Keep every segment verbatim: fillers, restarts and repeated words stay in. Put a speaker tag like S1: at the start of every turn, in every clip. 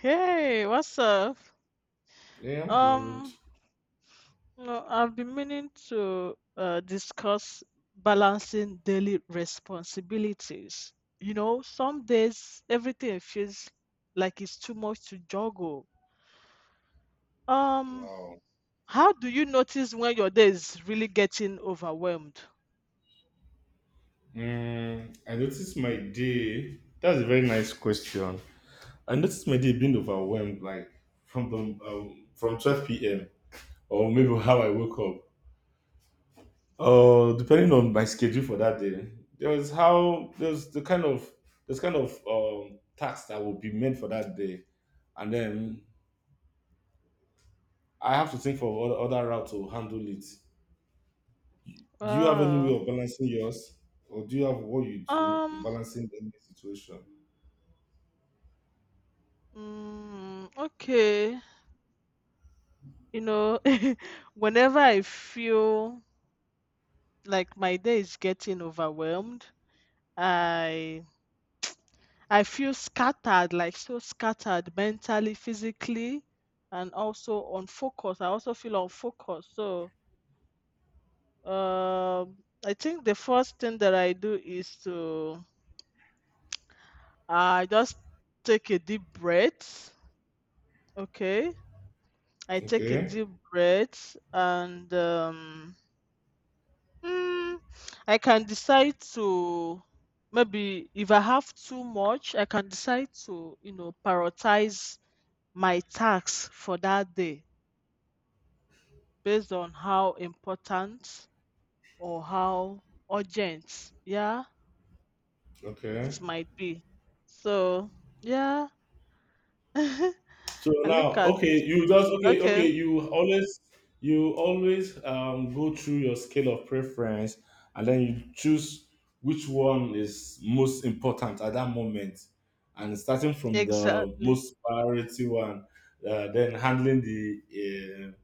S1: Hey, what's up?
S2: Yeah, I'm good.
S1: Um, no, I've been meaning to uh, discuss balancing daily responsibilities. You know, some days everything feels like it's too much to juggle. Um,
S2: Wow.
S1: how do you notice when your day is really getting overwhelmed?
S2: Mm, I noticed my day. That's a very nice question. I noticed my day being overwhelmed, like from the um, from twelve p m or maybe how I woke up. Uh, depending on my schedule for that day, there was how there's the kind of there's kind of um tasks that will be meant for that day, and then I have to think for other other route to handle it. Do you have any
S1: Uh,
S2: way of balancing yours, or do you have what you do in
S1: um,
S2: balancing any situation?
S1: mm, okay. You know, whenever I feel like my day is getting overwhelmed, I I feel scattered, like so scattered mentally, physically, and also unfocused. I also feel unfocused. So um, I think the first thing that I do is to I just take a deep breath. Okay, I take a
S2: Okay.
S1: deep breath, and um, mm, I can decide to maybe if I have too much, I can decide to you know prioritize my tasks for that day based on how important or how urgent, yeah, it
S2: Okay.
S1: might be. So, yeah,
S2: So
S1: I look
S2: now,
S1: at,
S2: okay, you just okay,
S1: okay,
S2: okay, you always you always um go through your scale of preference and then you choose which one is most important at that moment. And starting from the
S1: exactly,
S2: most priority one, uh, then handling the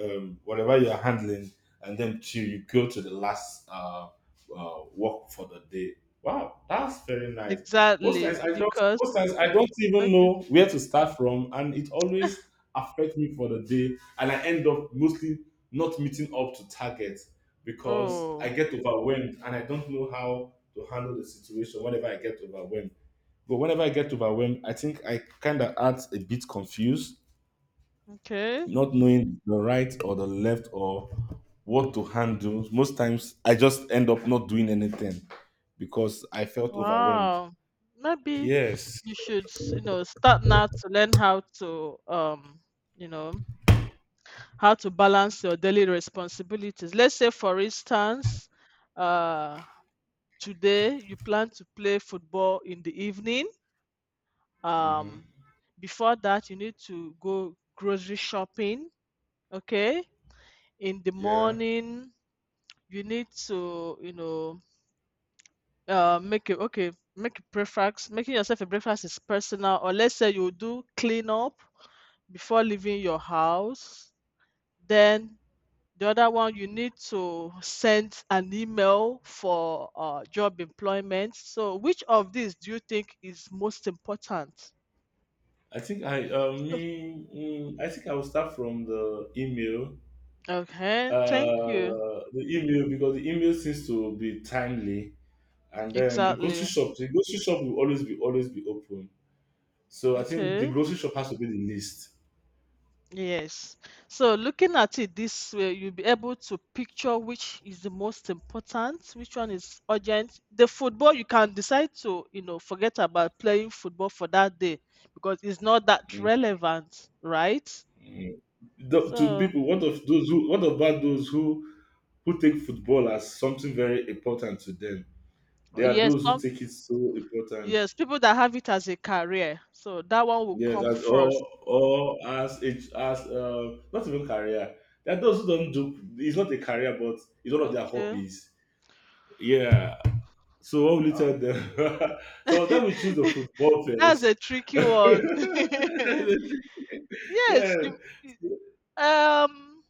S2: uh, um, whatever you are handling, and then till you go to the last uh, uh, work for the day. Wow, that's very nice. Most times
S1: exactly,
S2: I just
S1: because,
S2: most times I don't even
S1: okay,
S2: know where to start from, and it always affects me for the day, and I end up mostly not meeting up to target because I
S1: oh,
S2: get overwhelmed and I don't know how to handle the situation whenever I get overwhelmed. But whenever I get overwhelmed, I think I kind of act a bit confused,
S1: okay,
S2: not knowing the right or the left or what to handle. Most times I just end up not doing anything because I felt overwhelmed.
S1: wow, maybe
S2: Yes.
S1: you should, you know, start now to learn how to, um, you know, how to balance your daily responsibilities. Let's say, for instance, uh, today you plan to play football in the evening. Um, Before that, you need to go grocery shopping. Okay. In the
S2: Yeah.
S1: morning, you need to, you know, uh, make a okay, make a breakfast. Making yourself a breakfast is personal, or let's say you do clean up before leaving your house. Then the other one, you need to send an email for uh, job employment. So, which of these do you think is most important?
S2: I think I uh, me mm, I think I will start from the email.
S1: Okay, thank you.
S2: Uh, the email because the email seems to be timely, and then the grocery
S1: Exactly.
S2: shop. The grocery shop will always be always be open. So I think the
S1: Okay.
S2: grocery shop has to be the least.
S1: Yes. So looking at it this way, you'll be able to picture which is the most important, which one is urgent. The football, you can decide to, you know, forget about playing football for that day because it's not that
S2: Mhm.
S1: relevant, right?
S2: The- to
S1: So,
S2: people, what of those who what about those who who take football as something very important to them? There are
S1: yes,
S2: those who take it so important.
S1: yes, people that have it as a career. So that one will
S2: Yes,
S1: come
S2: as
S1: first.
S2: or or as it as uh, not even career. There are those who don't do it's not a career, but it's one of their
S1: Okay.
S2: hobbies. Yeah. So what will you tell them? Some of them will choose the football
S1: That's
S2: first.
S1: a tricky one. Yes,
S2: Yeah.
S1: you you-
S2: So,
S1: um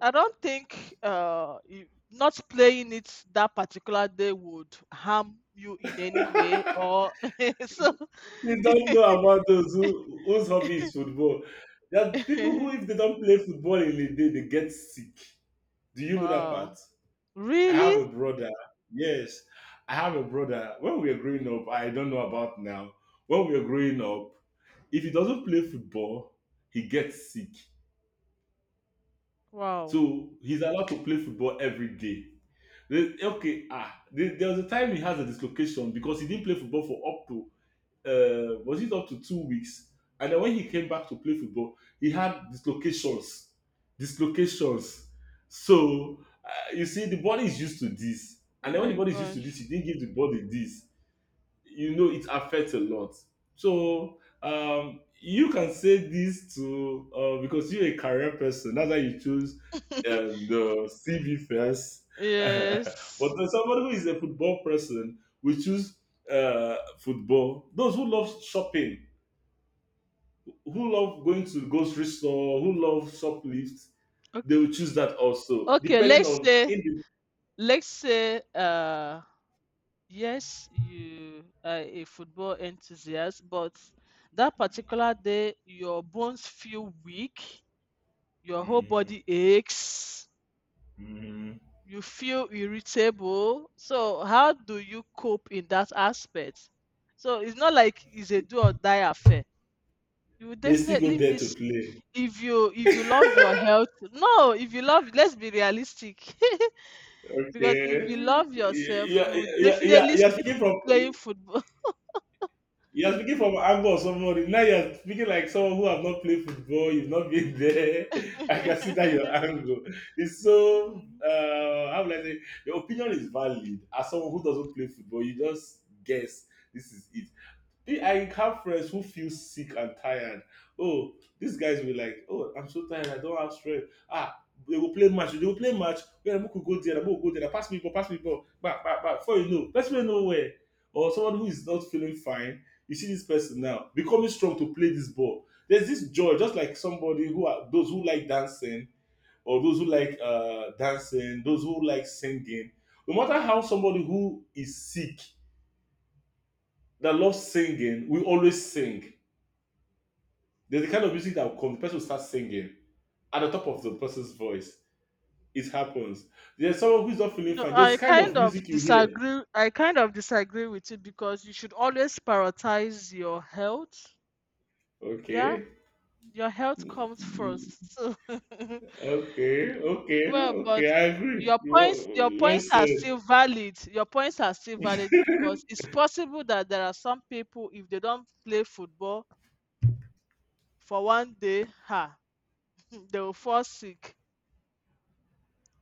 S1: I don't think uh you, not playing it that particular day would harm you in any way or so
S2: they don't know about those who whose hobby is football. There are people who if they don't play football in the day, they get sick. Do you know that
S1: wow.
S2: part? I have
S1: Really?
S2: a brother. Yes, I have a brother. When we were growing up, I don't know about now. When we were growing up, if he doesn't play football, he gets sick.
S1: Wow.
S2: So he's allowed to play football every day. They- Okay, ah, there there was a time he has a dislocation because he didn't play football for up to uh, was it up to two weeks? And then when he came back to play football, he had dislocations, dislocations. So uh, you see, the body is used to this,
S1: Oh
S2: and then when the
S1: my
S2: body is used to this,
S1: gosh.
S2: he didn't give the body this. You know it affects a lot, so um you can say this to uh, because you're a career person, that's why you choose um, the cv first but
S1: Yes.
S2: then somebody who is a football person will choose uh, football. Those who love shopping, who love going to grocery store, who love shoplift,
S1: Okay.
S2: they will choose that also
S1: Okay,
S2: depending
S1: let's
S2: on
S1: say,
S2: in the,
S1: let's say uh yes, you are a football enthusiast, but that particular day, your bones feel weak, your whole
S2: mhm,
S1: body aches,
S2: mhm.
S1: you feel irritable. So, how do you cope in that aspect? So, it's not like it's a do or die affair. You will
S2: They still go
S1: definitely
S2: there to
S1: miss
S2: play.
S1: if you if you love your health. No, if you love, let's be realistic. Because if
S2: Okay.
S1: you love yourself,
S2: Yeah,
S1: you will
S2: yeah, yeah.
S1: definitely
S2: You're
S1: keep
S2: speaking from
S1: playing football.
S2: you're speaking from angle of somebody. Now you're speaking like someone who has not played football. You've not been there. I can see that your angle. It's so
S1: Mhm,
S2: uh, how would I say? Your opinion is valid. As someone who doesn't play football, you just guess this is it. I have friends who feel sick and tired. Oh, these guys will be like, oh, I'm so tired, I don't have strength. Ah, they will play match. They will play match. Yeah, we could go there, we could go there. Pass me ball, pass me ball. Back, back, back. Before you know, let's play nowhere. Or someone who is not feeling fine. You see this person now becoming strong to play this ball. There's this joy, just like somebody who are those who like dancing or those who like uh dancing, those who like singing. No matter how,
S1: okay.
S2: somebody who is sick that loves singing will always sing. There's the kind of music that will come, the person will start singing at the top of the
S1: Mm.
S2: person's voice. It happens. There's someone who's not feeling
S1: No,
S2: fine. There's
S1: I
S2: kind of
S1: kind of
S2: music you hear.
S1: disagree. I kind of disagree with you because you should always prioritize your health. Yeah,
S2: Okay.
S1: your health comes
S2: Ye-
S1: first. So,
S2: Okay. Okay.
S1: well, but
S2: Okay. I agree.
S1: your
S2: You
S1: points,
S2: wa-
S1: your
S2: you well
S1: points are
S2: said.
S1: still valid. Your points are still valid because it's possible that there are some people if they don't play football for one day, ha, they will fall sick.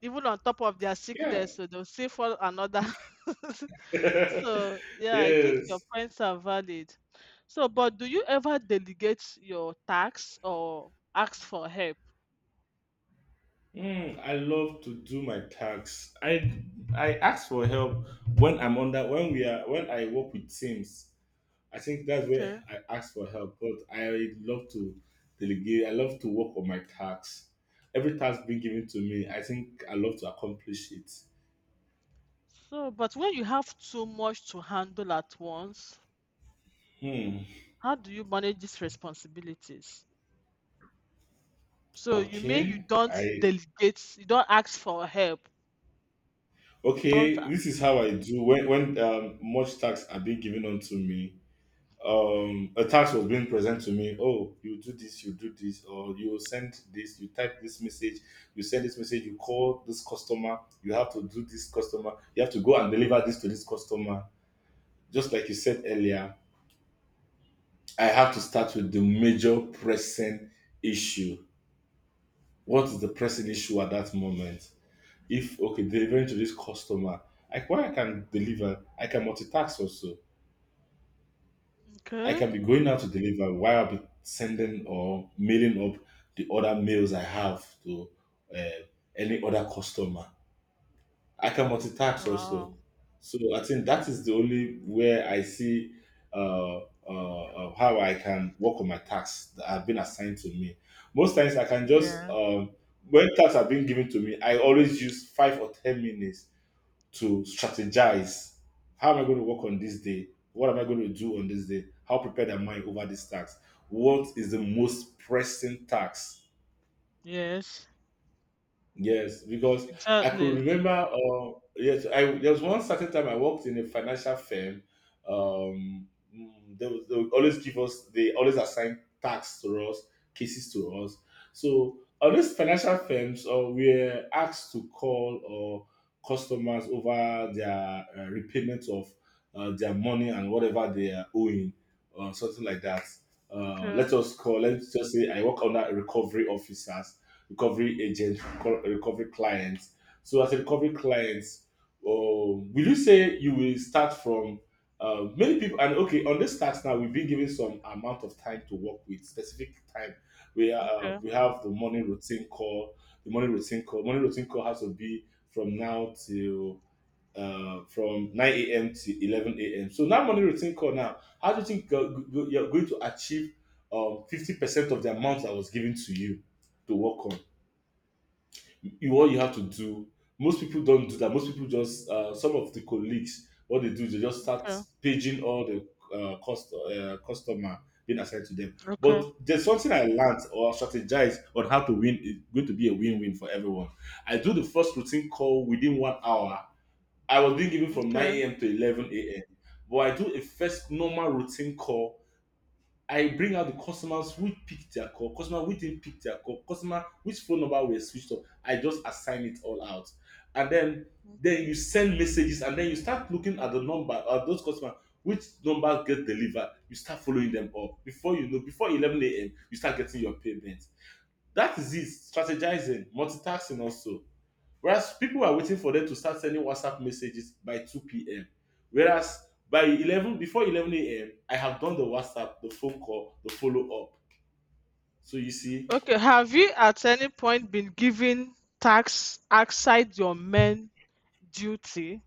S1: Even on top of their
S2: Yeah.
S1: sickness, so they'll still fall another. So, yeah, I think your
S2: Yes.
S1: points are valid. So, but do you ever delegate your tasks or ask for help?
S2: Hmm, I love to do my tasks. I I ask for help when I'm under when we are when I work with teams. I think that's
S1: Okay.
S2: where I ask for help. But I love to delegate. I love to work on my tasks. Every task being given to me, I think I love to accomplish it.
S1: So, but when you have too much to handle at once,
S2: Hmm.
S1: how do you manage these responsibilities? So, you mean you
S2: Okay.
S1: don't
S2: I
S1: delegate, you don't ask for help, you don't.
S2: Okay.
S1: A-
S2: This is how I do when when um, much tasks are being given onto me. Um, a task was being presented to me. Oh, you do this, you do this, or you send this, you type this message, you send this message, you call this customer, you have to do this customer, you have to go and deliver this to this customer, just like you said earlier, I have to start with the major pressing issue. What is the pressing issue at that moment? If okay, delivering to this customer, like why I can deliver, I can multitask also. I
S1: okay.
S2: can be going out to deliver while I'll be sending or mailing up the other mails I have to uh, any other customer. I can multitask also.
S1: Wow.
S2: So I think that is the only where I see uh, uh, uh, how I can work on my tasks that have been assigned to me. Most times I can just
S1: Yeah.
S2: um, when tasks have been given to me, I always use five or ten minutes to strategize. How am I going to work on this day? What am I going to do on this day? How prepared am I over this task? What is the most pressing task?
S1: Yes.
S2: Yes, because I could
S1: Exactly.
S2: remember. Uh, yes, I there was one certain time I worked in a financial firm. Um, mm, they, would- they would always give us. They always assign tasks to us, cases to us. So on these financial firms, uh, we're asked to call uh, customers over their uh, repayment of uh, their money and whatever they are owing, or something like that. Uh,
S1: Okay.
S2: let us call. Let's just say I work under recovery officers, recovery agent, reco- recovery clients. So as a recovery client, um, will you say you will start from uh, many people? And okay, on this task now, we've been given some amount of time to work with, specific time. We uh,
S1: Okay.
S2: we have the morning routine call, the morning routine call. Morning routine call has to be from now till uh, from nine a m to eleven a m. So now morning routine call now, how do you think uh, g- g- you're going to achieve um, fifty percent of the amount that was given to you to work on? You what you have to do. Most people don't do that. Most people just uh, some of the colleagues what they do they just start
S1: Okay.
S2: paging all the uh, cost, uh, customer being assigned to them.
S1: Okay.
S2: But there's something I learned or strategize on how to win is going to be a win-win for everyone. I do the first routine call within one hour. I was being given from nine a m to eleven a m. But I do a first normal routine call. I bring out the customers who picked their call, customer who didn't pick their call, customer which phone number were switched off. I just assign it all out, and then
S1: Okay.
S2: then you send messages, and then you start looking at the number of those customers which numbers get delivered. You start following them up before you know before eleven a m. You start getting your payment. That is it. Strategizing, multitasking also. Whereas people are waiting for them to start sending WhatsApp messages by two p m. Whereas by eleven, before eleven a m, I have done the WhatsApp, the phone call, the follow up. So you see,
S1: Okay, have you at any point been given tasks outside your main duty?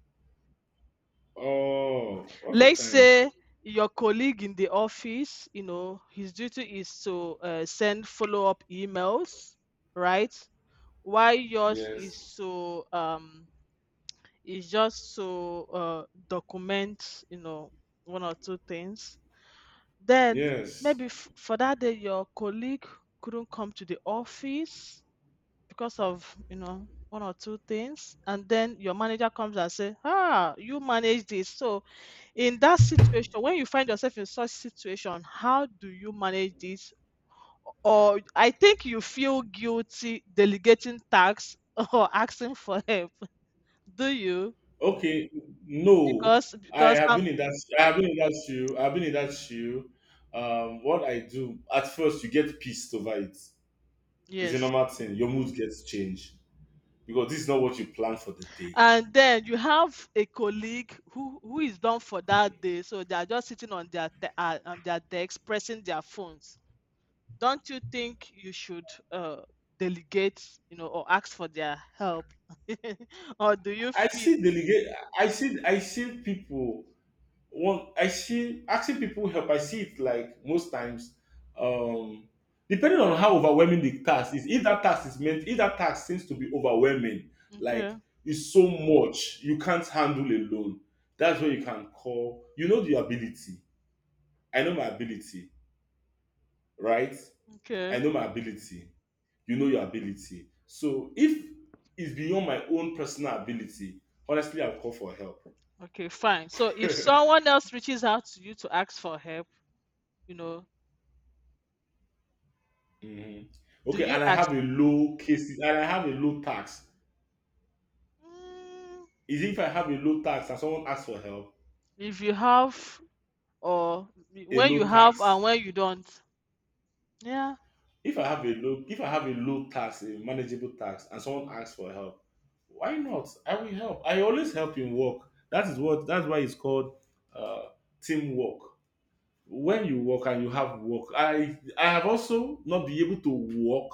S2: oh, every
S1: Let's
S2: time.
S1: say your colleague in the office, you know, his duty is to uh, send follow up emails, right? While yours is
S2: Yes.
S1: to um, is just to uh, document, you know, one or two things. Then
S2: Yes.
S1: maybe f- for that day, your colleague couldn't come to the office because of you know one or two things, and then your manager comes and say ah you manage this, so in that situation when you find yourself in such situation how do you manage this, or I think you feel guilty delegating tasks or asking for help, do you?
S2: Okay. No,
S1: Because
S2: I
S1: because
S2: have
S1: um
S2: been in that. I have been in that shoe. I've been in that shoe. Um, what I do at first, you get pissed over it. It's a
S1: yes,
S2: normal thing. Your mood gets changed because this is not what you planned for the day.
S1: and then you have a colleague who who is done for that day, so they are just sitting on their te- uh, on their decks pressing their phones. Don't you think you should, uh, delegate, you know, or ask for their help, or do you
S2: I
S1: feel?
S2: see delegate. I see. I see people. One. I see asking people help. I see it like most times. Um, depending
S1: Yeah.
S2: on how overwhelming the task is. If that task is meant, if that task seems to be overwhelming,
S1: Okay,
S2: like it's so much you can't handle alone. That's where you can call. You know the ability. I know my ability, right?
S1: okay,
S2: I know my ability. You know your ability. So if it's beyond my own personal ability, honestly, I'll call for help.
S1: okay, fine. So if someone else reaches out to you to ask for help, you know,
S2: hmm.
S1: do
S2: Okay,
S1: you
S2: and I have
S1: ask?
S2: a low cases, and I have a low tax.
S1: Mm,
S2: Is if I have a low tax and someone asks for help,
S1: if you have, or
S2: a
S1: when you
S2: low
S1: have and
S2: tax.
S1: when you don't. Yeah.
S2: If I have a low, if I have a low tax, a manageable tax, and someone asks for help, why not? I will help. I always help in work. That is what. That's why it's called uh, teamwork. When you work and you have work, I I have also not been able to work,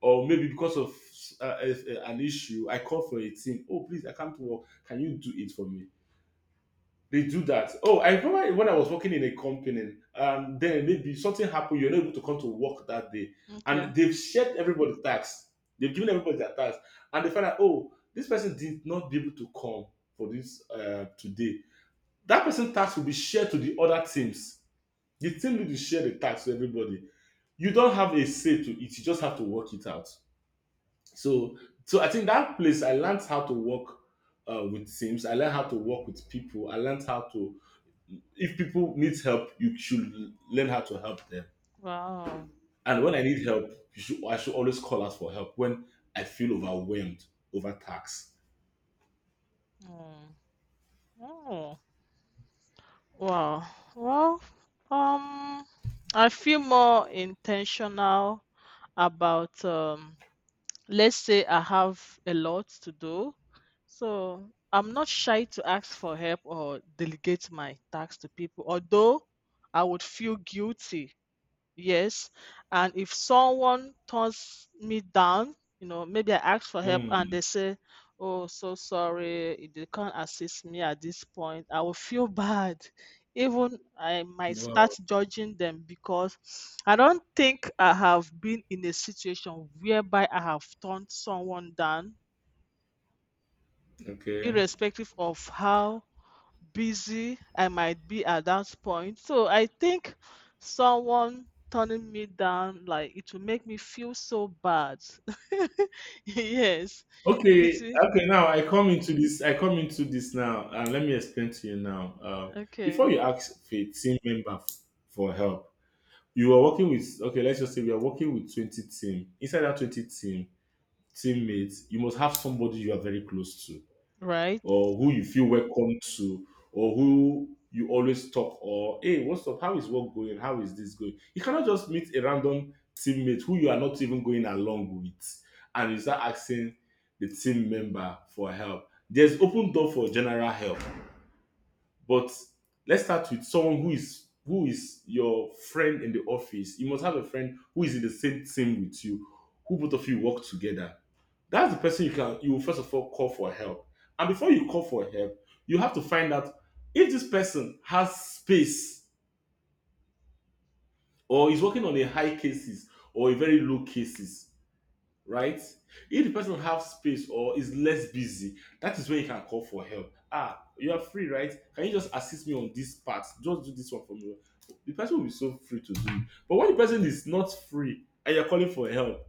S2: or maybe because of uh, a- a- an issue, I call for a team. Oh, please, I can't work. Can you do it for me? They do that. Oh, I remember when I was working in a company, um, then maybe something happened, you're not able to come to work that day.
S1: Okay.
S2: And they've shared everybody's tax. They've given everybody their tax. And they found out, oh, this person did not be able to come for this uh, today. That person's tax will be shared to the other teams. The team lead will share the tax to everybody. You don't have a say to it, you just have to work it out. So, so I think that place I learned how to work uh, with teams. I learned how to work with people. I learned how to if people need help, you should learn how to help them.
S1: Wow.
S2: And when I need help, you should, I should always call out for help when I feel overwhelmed, overtaxed.
S1: Mm. Oh. Wow. Well. Um. I feel more intentional about um let's say I have a lot to do. So I'm not shy to ask for help or delegate my tasks to people, although I would feel guilty. Yes. And if someone turns me down, you know, maybe I ask for help and
S2: Mm,
S1: they say, oh, so sorry, they can't assist me at this point. I will feel bad. Even I might start
S2: wow.
S1: judging them, because I don't think I have been in a situation whereby I have turned someone down,
S2: Okay.
S1: irrespective of how busy I might be at that point. So I think someone turning me down, like, it will make me feel so bad. Yes, it's
S2: Okay. Okay. Now I come into this. I come into this now, and let me explain to you now. Uh,
S1: okay,
S2: before you ask for a team member f- for help, you are working with. Okay, let's just say we are working with twenty team. Inside that twenty team teammates, you must have somebody you are very close to,
S1: right?
S2: or who you feel welcome to, or who you always talk, or hey, what's up, how is work going, how is this going? You cannot just meet a random teammate who you are not even going along with and you start asking the team member for help. There's open door for general help, but let's start with someone who is, who is your friend in the office. You must have a friend who is in the same team with you, who both of you work together. That's the person you can, you will first of all call for help. And before you call for help, you have to find out if this person has space or is working on a high cases or a very low cases, right? If the person have space or is less busy, that is when you can call for help. Ah, you are free, right? Can you just assist me on this part? Just do this one for me. The person will be so free to do it. But when the person is not free and you're calling for help,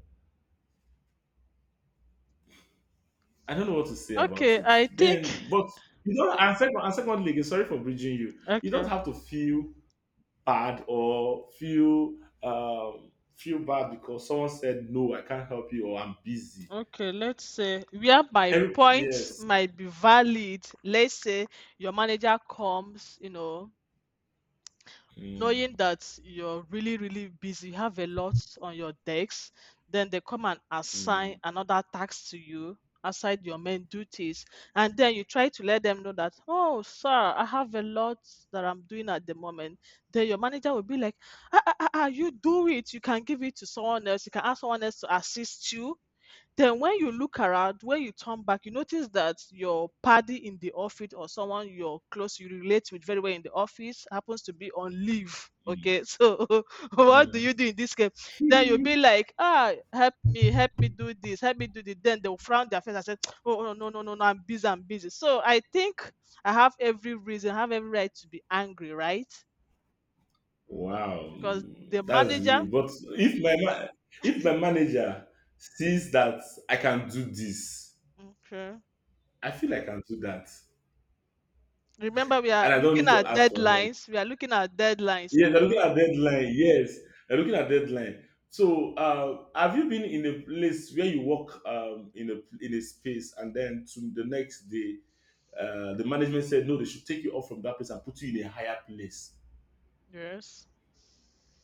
S2: I don't know what to say about
S1: Okay,
S2: it.
S1: I think
S2: Then, but you don't. And, second, and secondly, again, sorry for bridging you. You don't
S1: okay,
S2: have to feel bad or feel um, feel bad because someone said no, I can't help you or I'm busy.
S1: okay, let's say where my
S2: Every,
S1: points
S2: yes.
S1: might be valid. Let's say your manager comes, you know,
S2: Mm,
S1: knowing that you're really really busy, you have a lot on your decks, then they come and assign
S2: mm.
S1: another task to you aside your main duties, and then you try to let them know that oh sir I have a lot that I'm doing at the moment, then your manager will be like, ah, ah, ah, ah, you do it, you can give it to someone else, you can ask someone else to assist you. Then when you look around, when you turn back, you notice that your party in the office or someone you're close, you relate with very well in the office happens to be on leave.
S2: Yeah,
S1: Okay, so what do you
S2: yeah.
S1: do in this case? Then you'll be like, ah, help me, help me do this, help me do this. Then they'll frown their face and say, oh, no, no, no, no, no, I'm busy, I'm busy. So I think I have every reason, I have every right to be angry, right?
S2: Wow,
S1: Because the
S2: that's
S1: manager,
S2: you. But if my ma- if my manager sees that I can do this,
S1: okay.
S2: I feel I can do that,
S1: Remember, we are
S2: and I don't
S1: looking
S2: need to
S1: at
S2: ask for help.
S1: deadlines. We are looking at deadlines
S2: Yeah, they're looking
S1: too.
S2: at deadline. Yes, they're looking at deadline. So, uh, have you been in a place where you work um, in a in a space, and then to the next day, uh, the management said no, they should take you off from that place and put you in a higher place,
S1: Yes.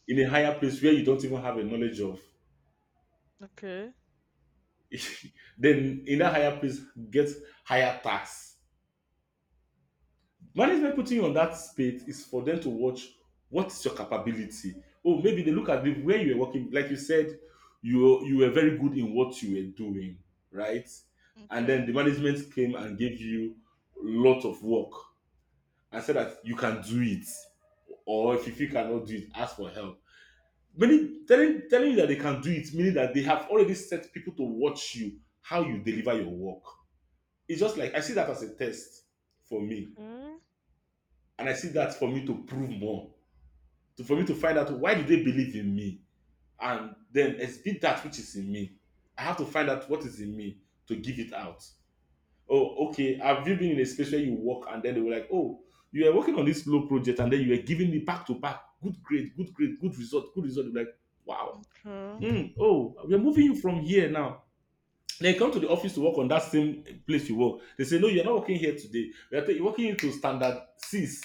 S2: in a higher place where you don't even have a knowledge of?
S1: Okay.
S2: Then in that higher place get higher tax. Management putting you on that space is for them to watch what is your capability. Oh, maybe they look at the where you were working. Like you said, you were- you were very good in what you were doing, right? And then
S1: Okay.
S2: the management came and gave you a lot of work and said that you can do it, or if you feel you cannot do it, ask for help. Meaning telling telling you that they can do it, meaning that they have already set people to watch you how you deliver your work. It's just like I see that as a test for me,
S1: Okay.
S2: and I see that for me to prove more, to for me to find out why do they believe in me, and then exhibit that which is in me. I have to find out what is in me to give it out. Oh, okay. Have you been in a space where you work and then they were like, oh, you were working on this slow project and then you were giving me back to back, good grade, good grade, good result, good result. You're like, wow.
S1: Okay.
S2: Hmm. Oh, we're moving you from here now. They come to the office to work on that same place you work. They say, no, you're not working here today. You're, ta- you're working into standard six.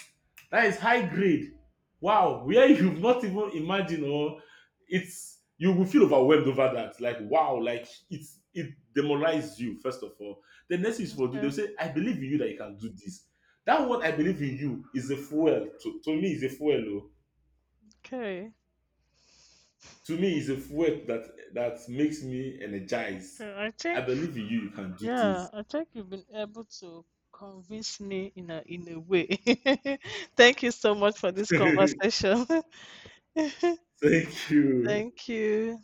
S2: That is high grade. Wow, where you've not even imagined. Or it's, you will feel overwhelmed over that. Like, wow, like it's, it demoralizes you, first of all. The next is for do they'll
S1: Okay.
S2: say, I believe in you that you can do this. That word I believe in you is a fuel. To, to me, is a fuel. Oh.
S1: Okay.
S2: To me, is a fuel that that makes me energized.
S1: Okay, I
S2: I
S1: think,
S2: believe in you, you can do
S1: yeah,
S2: this.
S1: I think you've been able to convince me in a in a way. Thank you so much for this conversation.
S2: Thank you.
S1: Thank you.